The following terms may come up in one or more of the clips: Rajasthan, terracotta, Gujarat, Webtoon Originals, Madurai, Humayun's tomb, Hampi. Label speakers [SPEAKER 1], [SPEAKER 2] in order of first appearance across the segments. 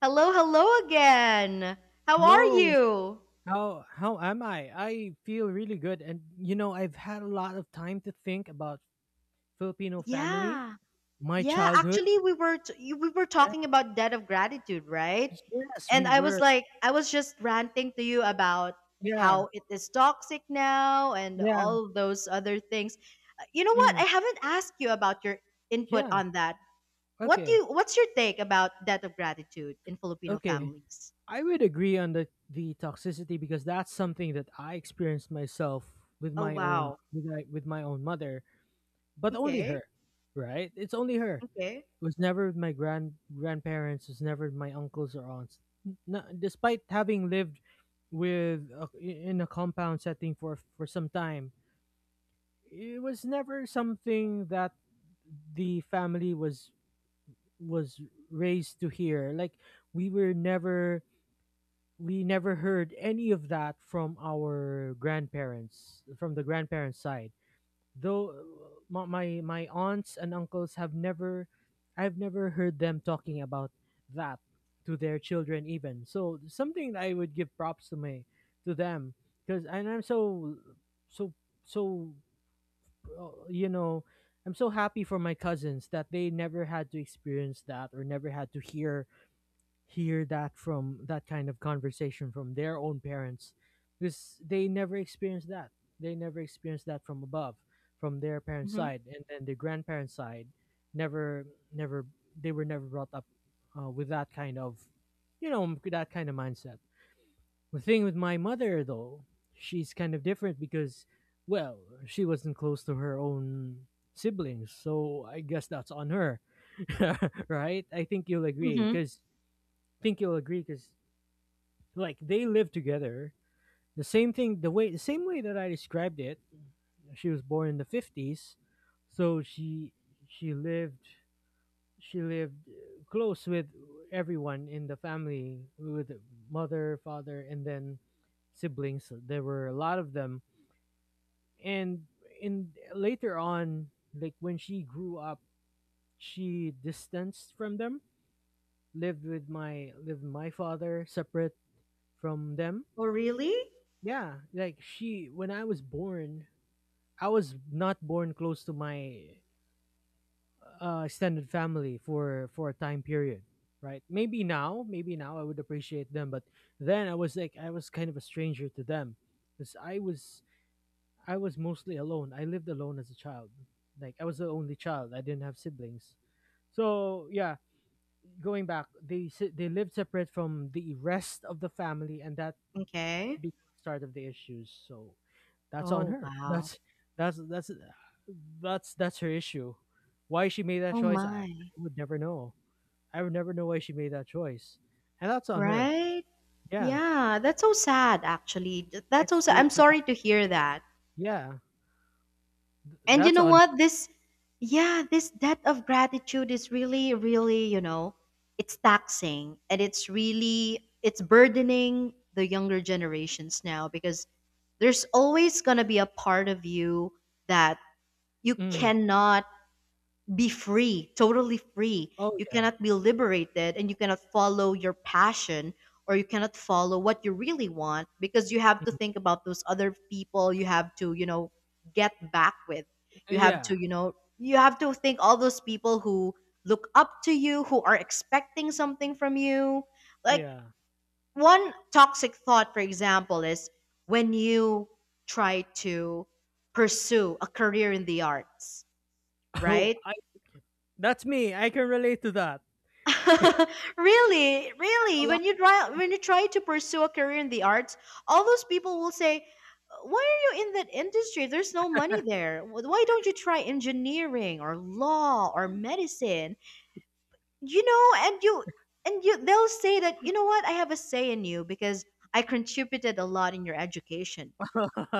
[SPEAKER 1] Hello, hello again. How are
[SPEAKER 2] Hello,
[SPEAKER 1] you?
[SPEAKER 2] how am I? I feel really good and you know, I've had a lot of time to think about Filipino family,
[SPEAKER 1] Yeah.
[SPEAKER 2] my
[SPEAKER 1] Yeah,
[SPEAKER 2] childhood.
[SPEAKER 1] actually we were
[SPEAKER 2] Yeah.
[SPEAKER 1] talking about debt of gratitude, right?
[SPEAKER 2] Yes,
[SPEAKER 1] And
[SPEAKER 2] we
[SPEAKER 1] I was
[SPEAKER 2] were.
[SPEAKER 1] like I was just ranting to you about
[SPEAKER 2] Yeah.
[SPEAKER 1] how it is toxic now and
[SPEAKER 2] Yeah.
[SPEAKER 1] all those other things. You know what? I
[SPEAKER 2] Mm,
[SPEAKER 1] haven't asked you about your input
[SPEAKER 2] yeah.
[SPEAKER 1] on that.
[SPEAKER 2] Okay.
[SPEAKER 1] What's your take about debt of gratitude in Filipino
[SPEAKER 2] Okay.
[SPEAKER 1] families?
[SPEAKER 2] I would agree on the toxicity because that's something that I experienced myself
[SPEAKER 1] Oh wow.
[SPEAKER 2] with with my own mother, but only
[SPEAKER 1] Okay.
[SPEAKER 2] her, right? It's only her
[SPEAKER 1] Okay.
[SPEAKER 2] was never with my grandparents was never with my uncles or aunts despite having lived with in a compound setting for some time it was never something that the family was raised to hear like we were never we never heard any of that from our grandparents from the grandparents side though my aunts and uncles have never I've never heard them talking about that to their children even so something that I would give props to me to them because and I'm so so so you know I'm so happy for my cousins that they never had to experience that or never had to hear that from that kind of conversation from their own parents because they never experienced that they never experienced that from above from their parents
[SPEAKER 1] Mhm.
[SPEAKER 2] side and then the grandparents side never never they were never brought up with that kind of that kind of mindset. The thing with my mother though, she's kind of different because, well, she wasn't close to her own siblings, so I guess that's on her. Right, I think you'll agree
[SPEAKER 1] Mhm.
[SPEAKER 2] because think you'll agree because like they live together the same thing the way the same way that I described it, she was born in the 50s. So she she lived she lived close with everyone in the family, with the mother, father, and then siblings, so there were a lot of them. And in later on, like when she grew up, she distanced from them, lived with my father separate from them.
[SPEAKER 1] Oh really?
[SPEAKER 2] Yeah, like she when I was born, I was not born close to my extended family for a time period, right? Maybe now I would appreciate them, but then I was like I was kind of a stranger to them cuz I was mostly alone. I lived alone as a child. Like I was the only child. I didn't have siblings. So, yeah, going back, they lived separate from the rest of the family and that
[SPEAKER 1] Okay.
[SPEAKER 2] became the start of the issues. So, that's on
[SPEAKER 1] Oh,
[SPEAKER 2] her.
[SPEAKER 1] wow.
[SPEAKER 2] That's that's that's her issue. Why she made that
[SPEAKER 1] Oh,
[SPEAKER 2] choice, I
[SPEAKER 1] my.
[SPEAKER 2] would never know. I would never know why she made that choice, and that's on her.
[SPEAKER 1] Right?
[SPEAKER 2] Yeah,
[SPEAKER 1] Yeah, that's so sad, actually. That's so
[SPEAKER 2] it's
[SPEAKER 1] sad.
[SPEAKER 2] really
[SPEAKER 1] I'm
[SPEAKER 2] sad.
[SPEAKER 1] sorry to hear that.
[SPEAKER 2] Yeah, th-
[SPEAKER 1] And you
[SPEAKER 2] that's
[SPEAKER 1] know
[SPEAKER 2] on.
[SPEAKER 1] what? Yeah, this debt of gratitude is really, really, it's taxing and it's really, it's burdening the younger generations now because there's always going to be a part of you that you
[SPEAKER 2] Mm.
[SPEAKER 1] cannot be free, totally free.
[SPEAKER 2] Oh
[SPEAKER 1] You
[SPEAKER 2] yeah,
[SPEAKER 1] cannot be liberated and you cannot follow your passion or you cannot follow what you really want because you have to
[SPEAKER 2] mm.
[SPEAKER 1] think about those other people you have to, you know, get back with. You have
[SPEAKER 2] Yeah,
[SPEAKER 1] to, you know, you have to think all those people who look up to you, who are expecting something from you. Like
[SPEAKER 2] yeah.
[SPEAKER 1] one toxic thought, for example, is when you try to pursue a career in the arts,
[SPEAKER 2] Oh,
[SPEAKER 1] right?
[SPEAKER 2] I that's me. I can relate to that.
[SPEAKER 1] Really,
[SPEAKER 2] A
[SPEAKER 1] really. When
[SPEAKER 2] lot.
[SPEAKER 1] you try when you try to pursue a career in the arts, all those people will say, "Why are you in that industry? There's no money there. Why don't you try engineering or law or medicine?" You know, and you they'll say that, "You know what? I have a say in you because I contributed a lot in your education."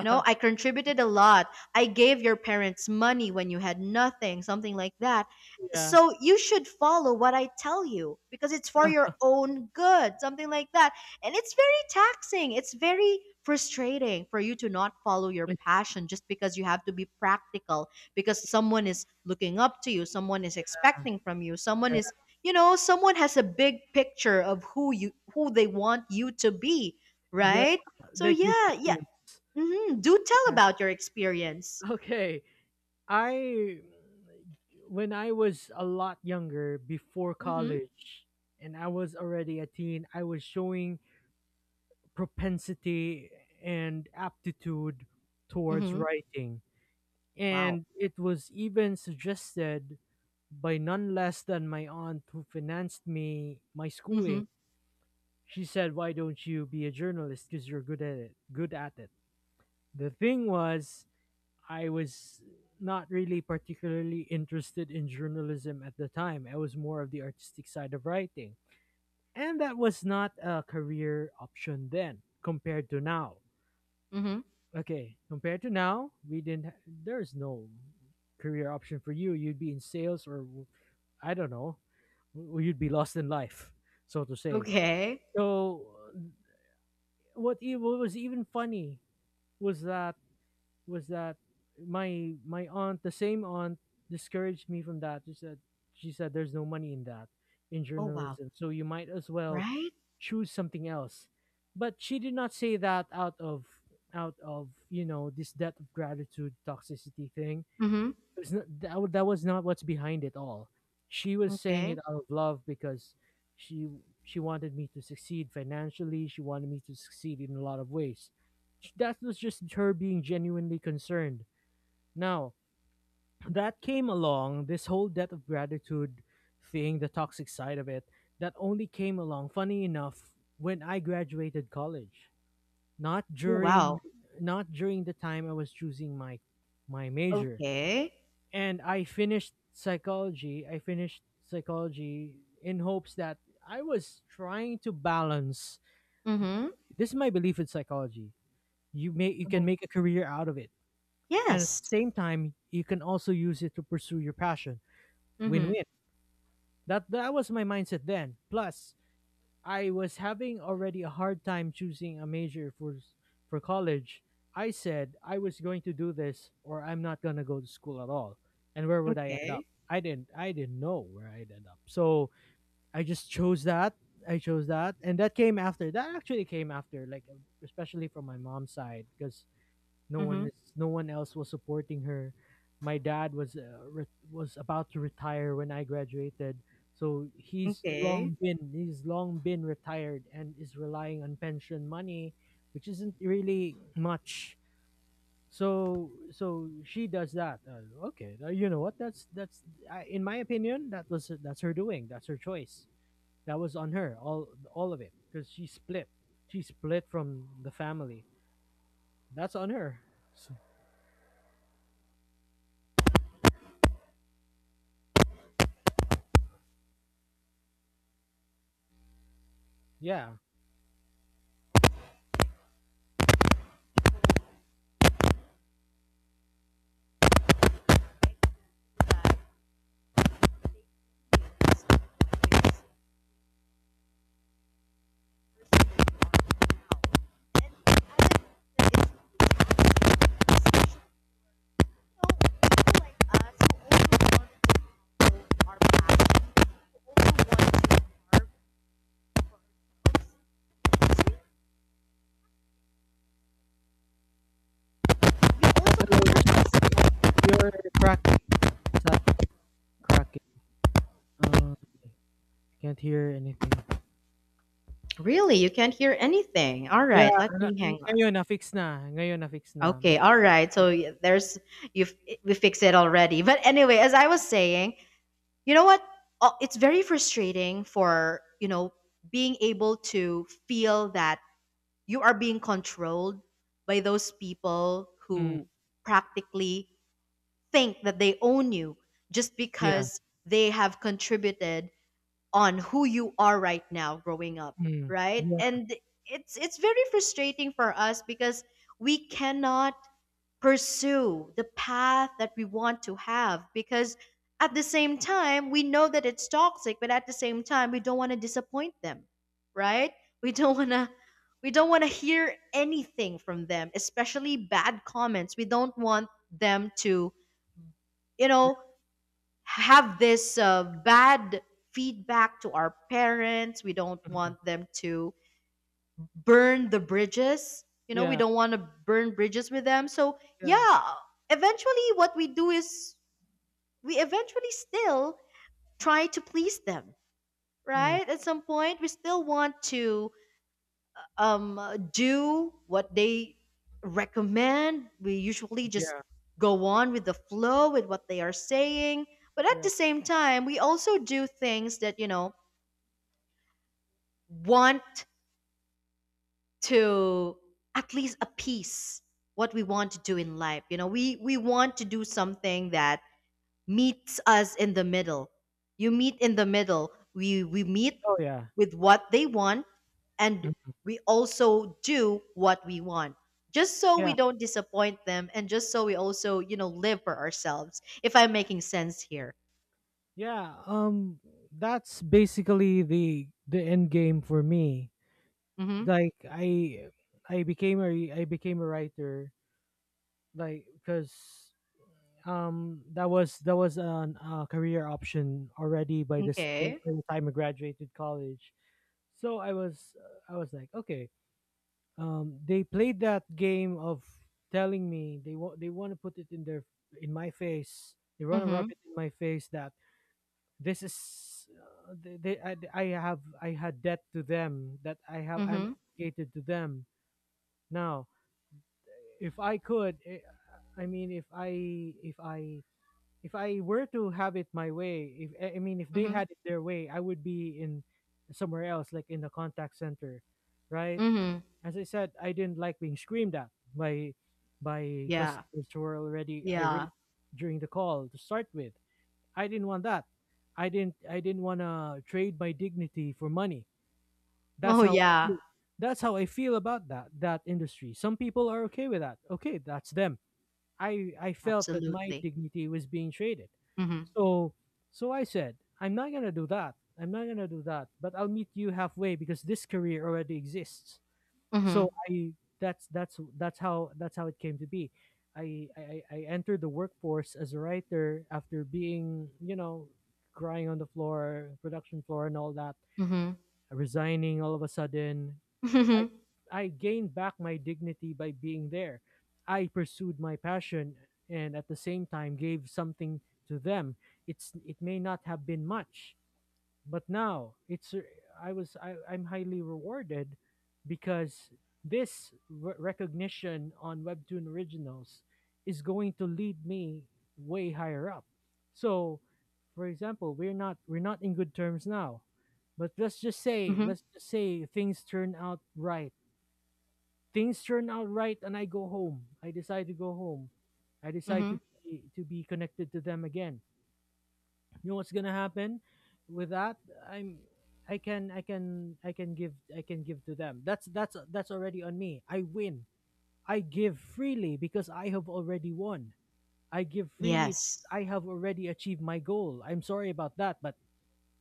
[SPEAKER 1] You know, I contributed a lot. I gave your parents money when you had nothing, something like that.
[SPEAKER 2] Yeah,
[SPEAKER 1] So you should follow what I tell you because it's for your own good, something like that. And it's very taxing. It's very frustrating for you to not follow your passion just because you have to be practical because someone is looking up to you, someone is expecting from you, someone
[SPEAKER 2] yeah,
[SPEAKER 1] is, you know, someone has a big picture of who you who they want you to be,
[SPEAKER 2] yeah.
[SPEAKER 1] right? So
[SPEAKER 2] Like the
[SPEAKER 1] yeah, yeah,
[SPEAKER 2] techniques.
[SPEAKER 1] hmm. Do tell
[SPEAKER 2] Yeah.
[SPEAKER 1] about your experience.
[SPEAKER 2] Okay. I when I was a lot younger before
[SPEAKER 1] Mm-hmm.
[SPEAKER 2] college and I was already a teen, I was showing propensity and aptitude towards
[SPEAKER 1] Mm-hmm.
[SPEAKER 2] writing.
[SPEAKER 1] Wow.
[SPEAKER 2] And it was even suggested by none less than my aunt who financed me my
[SPEAKER 1] Mm-hmm.
[SPEAKER 2] schooling. She said, "Why don't you be a journalist because you're good at it, good at it." The thing was I was not really particularly interested in journalism at the time. I was more of the artistic side of writing. And that was not a career option then compared to now.
[SPEAKER 1] Mm-hmm.
[SPEAKER 2] Okay, compared to now, we didn't ha- there's no career option for you. You'd be in sales or I don't know, you'd be lost in life, so to say.
[SPEAKER 1] Okay.
[SPEAKER 2] So what what was even funny was that was that my aunt, the same aunt, discouraged me from that. She said there's no money in that in
[SPEAKER 1] Oh wow.
[SPEAKER 2] journalism, so you might as well
[SPEAKER 1] Right?
[SPEAKER 2] choose something else. But she did not say that out of you know this debt of gratitude toxicity thing,
[SPEAKER 1] Mm-hmm.
[SPEAKER 2] it's not that wa that was not what's behind it all. She was saying
[SPEAKER 1] Okay.
[SPEAKER 2] it out of love because she she wanted me to succeed financially, she wanted me to succeed in a lot of ways. Sh- That was just her being genuinely concerned. Now, that came along this whole debt of gratitude thing, the toxic side of it, that only came along funny enough when I graduated college. Not
[SPEAKER 1] Oh
[SPEAKER 2] during
[SPEAKER 1] wow.
[SPEAKER 2] Not during the time I was choosing my major,
[SPEAKER 1] Okay.
[SPEAKER 2] and I finished psychology. I finished psychology in hopes that I was trying to balance.
[SPEAKER 1] Mm-hmm.
[SPEAKER 2] This is my belief in psychology. You can
[SPEAKER 1] Oh
[SPEAKER 2] make a career out of it, and at
[SPEAKER 1] yes.
[SPEAKER 2] the same time, you can also use it to pursue your passion. Win
[SPEAKER 1] Mm-hmm.
[SPEAKER 2] win. That was my mindset then. Plus, I was having already a hard time choosing a major for college. I said I was going to do this or I'm not going to go to school at all. And where would I end up?
[SPEAKER 1] Okay.
[SPEAKER 2] I didn't know where I'd end up. So I just chose that. I chose that and that came after. That actually came after like especially from my mom's side because
[SPEAKER 1] Mm-hmm.
[SPEAKER 2] no one else was supporting her. My dad was was about to retire when I graduated, so
[SPEAKER 1] Okay.
[SPEAKER 2] he's long been retired and is relying on pension money which isn't really much. So so she does that, okay, you know what, that's I in my opinion that was that's her doing, that's her choice. That was on her, all of it, because she split from the family. That's on her, so, yeah.
[SPEAKER 1] It's so people like us who also want to know our past, who also want to harm us, we also don't
[SPEAKER 2] Hello, you're static.
[SPEAKER 1] want to.
[SPEAKER 2] You're cracking. Static cracking. Uh, can't hear anything.
[SPEAKER 1] Really, you can't hear anything. All
[SPEAKER 2] Yeah,
[SPEAKER 1] right, let
[SPEAKER 2] na,
[SPEAKER 1] me hang on.
[SPEAKER 2] ngayon na-fix na. Ngayon na-fix na.
[SPEAKER 1] Okay,
[SPEAKER 2] But,
[SPEAKER 1] all right. So y- there's you we fix it already. But anyway, as I was saying, you know what? It's very frustrating for, you know, being able to feel that you are being controlled by those people
[SPEAKER 2] mm,
[SPEAKER 1] who practically think that they own you just
[SPEAKER 2] yeah.
[SPEAKER 1] because they have contributed on who you are right now growing up,
[SPEAKER 2] Mm,
[SPEAKER 1] right?
[SPEAKER 2] yeah.
[SPEAKER 1] And it's very frustrating for us because we cannot pursue the path that we want to have because at the same time we know that it's toxic but at the same time we don't want to disappoint them, right? we don't want to We don't want to hear anything from them, especially bad comments. We don't want them to, you
[SPEAKER 2] Yeah.
[SPEAKER 1] know, have this bad feedback to our parents. We don't
[SPEAKER 2] Mm,
[SPEAKER 1] want them to burn the bridges. You know, we
[SPEAKER 2] yeah.
[SPEAKER 1] don't want to burn bridges with them. So,
[SPEAKER 2] Yeah.
[SPEAKER 1] yeah, eventually what we do is we eventually still try to please them,
[SPEAKER 2] Mm,
[SPEAKER 1] right? At some point, we still want to do what they recommend. We usually just
[SPEAKER 2] yeah.
[SPEAKER 1] go on with the flow with what they are saying. But at the
[SPEAKER 2] Yeah.
[SPEAKER 1] same time, we also do things that, you know, want to at least appease what we want to do in life. You know, we want to do something that meets us in the middle. You meet in the middle. We meet
[SPEAKER 2] Oh, yeah.
[SPEAKER 1] with what they want and
[SPEAKER 2] Mm,
[SPEAKER 1] we also do what we want. Just so
[SPEAKER 2] yeah.
[SPEAKER 1] we don't disappoint them and just so we also, you know, live for ourselves. If I'm making sense here.
[SPEAKER 2] Yeah. That's basically the end game for me.
[SPEAKER 1] Mhm.
[SPEAKER 2] Like, I became a writer like because that was an career option already by
[SPEAKER 1] Okay.
[SPEAKER 2] the time I graduated college. So I was like, okay, they played that game of telling me they want to put it in their in my face. They want to rub
[SPEAKER 1] Mhm.
[SPEAKER 2] it in my face that this is they I have I had debt to them that I have I'm
[SPEAKER 1] Mhm.
[SPEAKER 2] obligated to them. Now, if I could, eh, I mean if I if I were to have it my way, if I I mean if they
[SPEAKER 1] Mhm.
[SPEAKER 2] had it their way, I would be in somewhere else, like in the contact center, right?
[SPEAKER 1] Mhm.
[SPEAKER 2] As I said, I didn't like being screamed at by
[SPEAKER 1] Yeah.
[SPEAKER 2] customers who were already
[SPEAKER 1] Yeah.
[SPEAKER 2] irate during the call to start with. I didn't want that. I didn't want to trade my dignity for money.
[SPEAKER 1] Oh
[SPEAKER 2] That's how I
[SPEAKER 1] yeah.
[SPEAKER 2] feel. That's how I feel about that industry. Some people are okay with that. Okay, that's them. I felt that my
[SPEAKER 1] Absolutely.
[SPEAKER 2] dignity was being traded.
[SPEAKER 1] Mhm.
[SPEAKER 2] So I said, I'm not gonna do that. I'm not gonna do that. But I'll meet you halfway because this career already exists. So
[SPEAKER 1] Mhm.
[SPEAKER 2] I that's how it came to be. I entered the workforce as a writer after being you know crying on the floor, production floor, and all that,
[SPEAKER 1] Mhm.
[SPEAKER 2] resigning all of a sudden,
[SPEAKER 1] Mhm.
[SPEAKER 2] I gained back my dignity by being there. I pursued my passion and at the same time gave something to them. It's it may not have been much, but now it's I'm highly rewarded because this re- recognition on Webtoon Originals is going to lead me way higher up. So, for example, we're not in good terms now, but
[SPEAKER 1] Mhm.
[SPEAKER 2] let's just say things turn out right, things turn out right and I go home. I decide to go home. I decide
[SPEAKER 1] Mhm.
[SPEAKER 2] to be connected to them again. You know what's gonna happen with that? I'm I can give to them. That's already on me. I win. I give freely because I have already won. I give freely because
[SPEAKER 1] Yes.
[SPEAKER 2] I have already achieved my goal. I'm sorry about that, but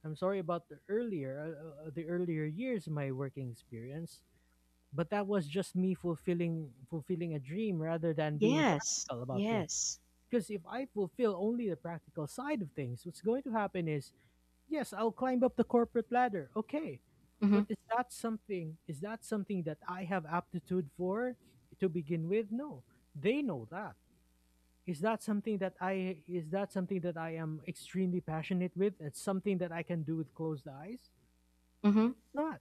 [SPEAKER 2] I'm sorry about the earlier years of my working experience. But that was just me fulfilling a dream rather than being
[SPEAKER 1] Yes.
[SPEAKER 2] practical about things.
[SPEAKER 1] Yes.
[SPEAKER 2] Because if I fulfill only the practical side of things, what's going to happen is, yes, I'll climb up the corporate ladder. Okay.
[SPEAKER 1] Mhm.
[SPEAKER 2] But is that something that I have aptitude for to begin with? No. They know that. Is that something that I is that something that I am extremely passionate with? It's something that I can do with closed eyes?
[SPEAKER 1] Mhm.
[SPEAKER 2] Not.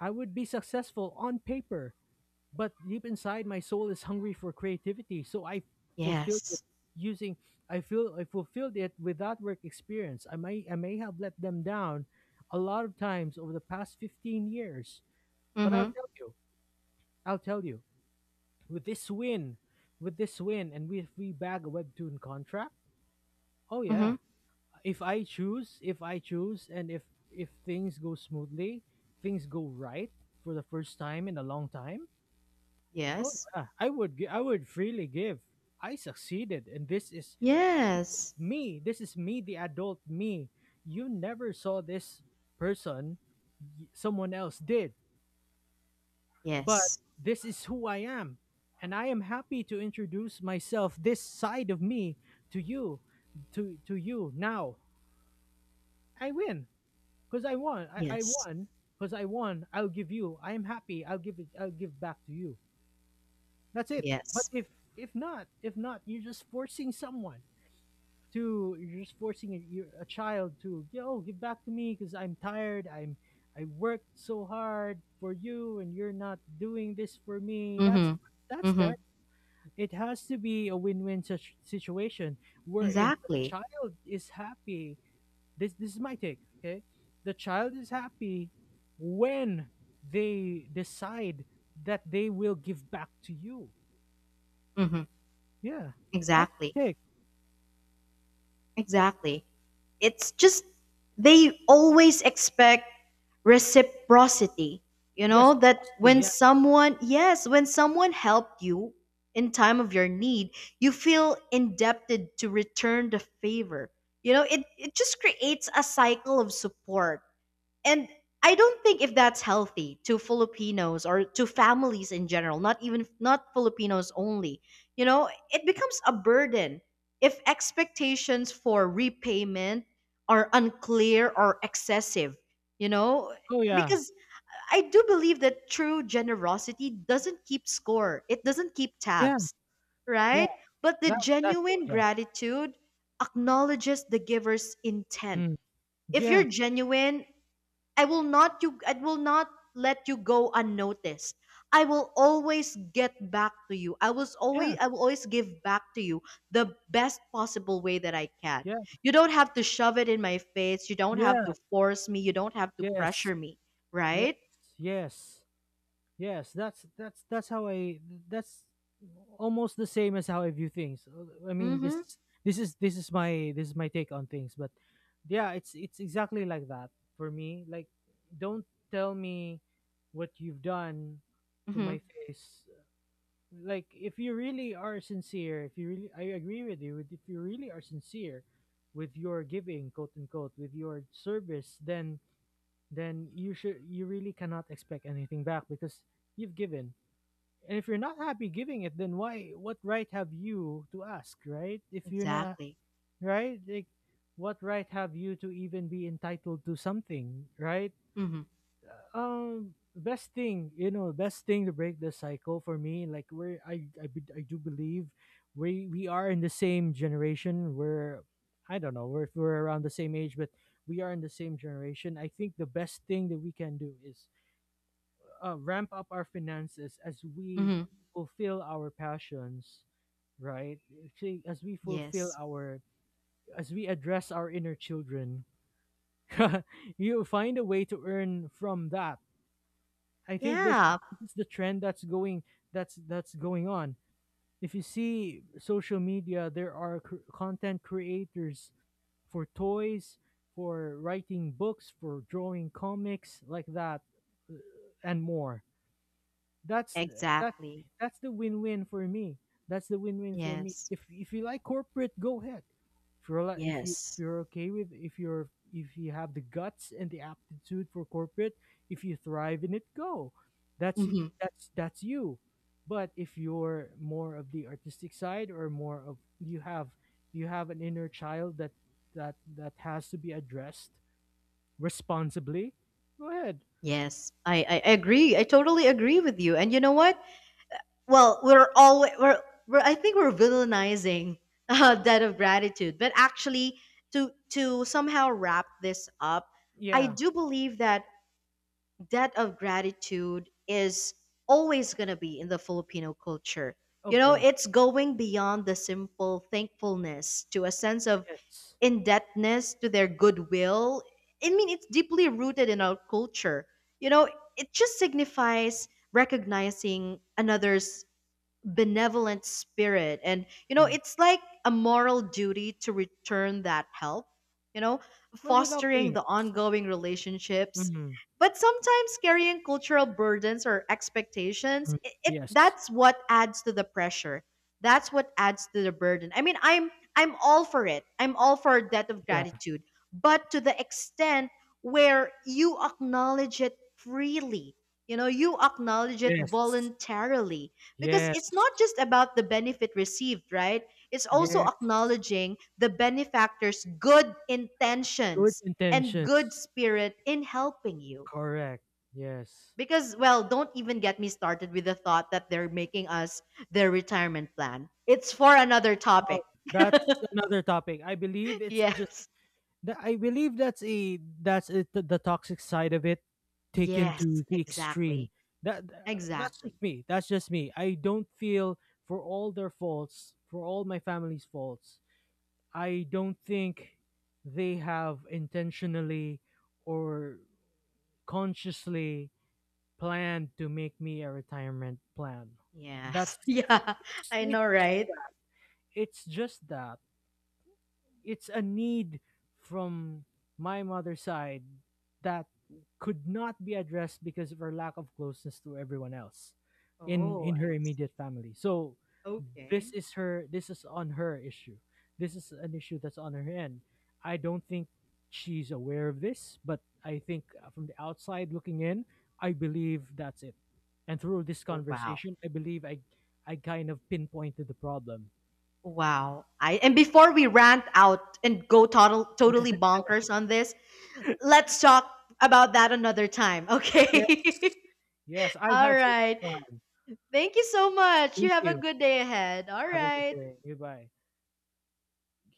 [SPEAKER 2] I would be successful on paper, but deep inside, my soul is hungry for creativity, so I fulfilled it
[SPEAKER 1] Yes.
[SPEAKER 2] using. I feel I fulfilled it without work experience. I may have let them down a lot of times over the past 15 years, but I'll
[SPEAKER 1] Mhm.
[SPEAKER 2] tell you, I'll tell you, with this win, with this win, and we if we bag a webtoon contract. Oh yeah,
[SPEAKER 1] Mhm.
[SPEAKER 2] if I choose, and if things go smoothly, things go right for the first time in a long time. Oh
[SPEAKER 1] Yes.
[SPEAKER 2] yeah, I would freely give. I succeeded, and this is
[SPEAKER 1] Yes.
[SPEAKER 2] me. This is me, the adult me. You never saw this person. Someone else did, but
[SPEAKER 1] Yes.
[SPEAKER 2] this is who I am, and I am happy to introduce myself, this side of me, to you, to you now. I win because I won. I
[SPEAKER 1] Yes.
[SPEAKER 2] won because I won. I'll give you. I am happy. I'll give it. I'll give back to you. That's it. But
[SPEAKER 1] Yes.
[SPEAKER 2] if not, you're just forcing someone. To You're just forcing a child to yo give back to me because I'm tired, I'm, I worked so hard for you and you're not doing this for me. that's
[SPEAKER 1] Mhm.
[SPEAKER 2] that's
[SPEAKER 1] Mhm.
[SPEAKER 2] there. It has to be a win-win such situation wherein the
[SPEAKER 1] Exactly.
[SPEAKER 2] child is happy. This is my take, okay? The child is happy when they decide that they will give back to you.
[SPEAKER 1] Mhm.
[SPEAKER 2] Yeah, that's
[SPEAKER 1] Exactly.
[SPEAKER 2] my take.
[SPEAKER 1] Exactly. It's just they always expect reciprocity. You know
[SPEAKER 2] Just
[SPEAKER 1] that
[SPEAKER 2] trust me.
[SPEAKER 1] when
[SPEAKER 2] Yeah,
[SPEAKER 1] someone, yes, when someone helped you in time of your need, you feel indebted to return the favor. You know, it just creates a cycle of support. And I don't think if that's healthy to Filipinos or to families in general, not even not Filipinos only. You know, it becomes a burden if expectations for repayment are unclear or excessive, you know?
[SPEAKER 2] oh yeah,
[SPEAKER 1] Because I do believe that true generosity doesn't keep score. It doesn't keep
[SPEAKER 2] yeah.
[SPEAKER 1] tabs,
[SPEAKER 2] Yeah.
[SPEAKER 1] right? But the
[SPEAKER 2] That that too,
[SPEAKER 1] genuine
[SPEAKER 2] yeah.
[SPEAKER 1] gratitude acknowledges the giver's intent.
[SPEAKER 2] Mm.
[SPEAKER 1] If
[SPEAKER 2] Yeah,
[SPEAKER 1] you're genuine, I will not let you go unnoticed. I will always get back to you.
[SPEAKER 2] yeah,
[SPEAKER 1] I will always give back to you the best possible way that I can.
[SPEAKER 2] yeah,
[SPEAKER 1] You don't have to shove it in my face. You don't have
[SPEAKER 2] yeah,
[SPEAKER 1] to force me. You don't have to
[SPEAKER 2] yes,
[SPEAKER 1] pressure me,
[SPEAKER 2] yes,
[SPEAKER 1] right?
[SPEAKER 2] yes, yes. That's how I that's almost the same as how I view things. I mean,
[SPEAKER 1] Mhm.
[SPEAKER 2] this is my take on things, but yeah, it's exactly like that for me. Like, don't tell me what you've done to
[SPEAKER 1] Mhm.
[SPEAKER 2] my face. Like, if you really are sincere, if you really, I agree with you, if you really are sincere with your giving, quote unquote, with your service, then you should, you really cannot expect anything back because you've given. And if you're not happy giving it, then why, what right have you to ask, right? If you're not
[SPEAKER 1] Exactly.
[SPEAKER 2] right, like what right have you to even be entitled to something, right?
[SPEAKER 1] Mhm.
[SPEAKER 2] Best thing, you know, best thing to break the cycle for me, like we're, I do believe we are in the same generation, we're, I don't know, we're, if we're around the same age, but we are in the same generation. I think the best thing that we can do is, ramp up our finances as we
[SPEAKER 1] Mhm.
[SPEAKER 2] fulfill our passions, right? See, as we fulfill
[SPEAKER 1] Yes.
[SPEAKER 2] our, as we address our inner children, you find a way to earn from that. I think this
[SPEAKER 1] Yeah,
[SPEAKER 2] this is the trend that's going, that's going on. If you see social media, there are content creators for toys, for writing books, for drawing comics, like that and more. That's that
[SPEAKER 1] exactly.
[SPEAKER 2] that's the win-win for me. That's the win-win for me.
[SPEAKER 1] Yes.
[SPEAKER 2] If you like corporate, go ahead. If if you, if
[SPEAKER 1] Yes.
[SPEAKER 2] you're okay with, if you're, if you have the guts and the aptitude for corporate, if you thrive in it, go.
[SPEAKER 1] Mhm.
[SPEAKER 2] That's that's you. But if you're more of the artistic side or more of, you have an inner child that that that has to be addressed responsibly, go ahead.
[SPEAKER 1] Yes. I agree. I totally agree with you. And you know what? Well, we're always we're I think we're villainizing debt of gratitude, but actually, to somehow wrap this up, I
[SPEAKER 2] Yeah,
[SPEAKER 1] do believe that debt of gratitude is always going to be in the Filipino culture. You
[SPEAKER 2] of
[SPEAKER 1] know,
[SPEAKER 2] course,
[SPEAKER 1] it's going beyond the simple thankfulness to a sense of
[SPEAKER 2] yes.
[SPEAKER 1] indebtedness to their goodwill. I mean, it's deeply rooted in our culture. You know, it just signifies recognizing another's benevolent spirit, and you know
[SPEAKER 2] Mm.
[SPEAKER 1] it's like a moral duty to return that help, you know,
[SPEAKER 2] Well, without
[SPEAKER 1] fostering
[SPEAKER 2] being,
[SPEAKER 1] the ongoing relationships,
[SPEAKER 2] mhm,
[SPEAKER 1] but sometimes carrying cultural burdens or expectations.
[SPEAKER 2] mm,
[SPEAKER 1] It,
[SPEAKER 2] yes,
[SPEAKER 1] that's what adds to the pressure, that's what adds to the burden. I mean, I'm all for it. I'm all for a debt of
[SPEAKER 2] yeah,
[SPEAKER 1] gratitude, but to the extent where you acknowledge it freely, you know, you acknowledge it
[SPEAKER 2] yes,
[SPEAKER 1] voluntarily, because
[SPEAKER 2] yes,
[SPEAKER 1] it's not just about the benefit received, right? It's also
[SPEAKER 2] yes,
[SPEAKER 1] acknowledging the benefactor's good
[SPEAKER 2] good
[SPEAKER 1] intentions and good
[SPEAKER 2] intentions,
[SPEAKER 1] spirit in helping you.
[SPEAKER 2] correct, yes.
[SPEAKER 1] Because, well, don't even get me started with the thought that they're making us their retirement plan. It's for another topic.
[SPEAKER 2] Oh, that's another topic. I believe it's just
[SPEAKER 1] Yes.
[SPEAKER 2] that, I believe that's a, that's it, the toxic side of it taken
[SPEAKER 1] Yes,
[SPEAKER 2] to the
[SPEAKER 1] exactly.
[SPEAKER 2] extreme. That that's just
[SPEAKER 1] Exactly.
[SPEAKER 2] me. That's just me. I don't feel, for all their faults, for all my family's faults. I don't think they have intentionally or consciously planned to make me a retirement plan.
[SPEAKER 1] Yes.
[SPEAKER 2] That's,
[SPEAKER 1] Yeah,
[SPEAKER 2] it's,
[SPEAKER 1] I
[SPEAKER 2] it,
[SPEAKER 1] know, right?
[SPEAKER 2] it's just that it's a need from my mother's side that could not be addressed because of her lack of closeness to everyone else in
[SPEAKER 1] Oh,
[SPEAKER 2] in her
[SPEAKER 1] I see.
[SPEAKER 2] immediate family. So
[SPEAKER 1] Okay.
[SPEAKER 2] this is her, this is on her issue. This is an issue that's on her end. I don't think she's aware of this, but I think from the outside looking in, I believe that's it. And through this
[SPEAKER 1] Oh, wow.
[SPEAKER 2] conversation, I believe I kind of pinpointed the problem.
[SPEAKER 1] Wow. I, and before we rant out and go total, totally bonkers on this, let's talk about that another time,
[SPEAKER 2] Yeah.
[SPEAKER 1] okay?
[SPEAKER 2] Yes, I
[SPEAKER 1] All
[SPEAKER 2] had so
[SPEAKER 1] right.
[SPEAKER 2] much fun.
[SPEAKER 1] Thank you so much. You
[SPEAKER 2] Thank
[SPEAKER 1] have a
[SPEAKER 2] you.
[SPEAKER 1] good day ahead. All
[SPEAKER 2] Have a good
[SPEAKER 1] right.
[SPEAKER 2] day. Goodbye.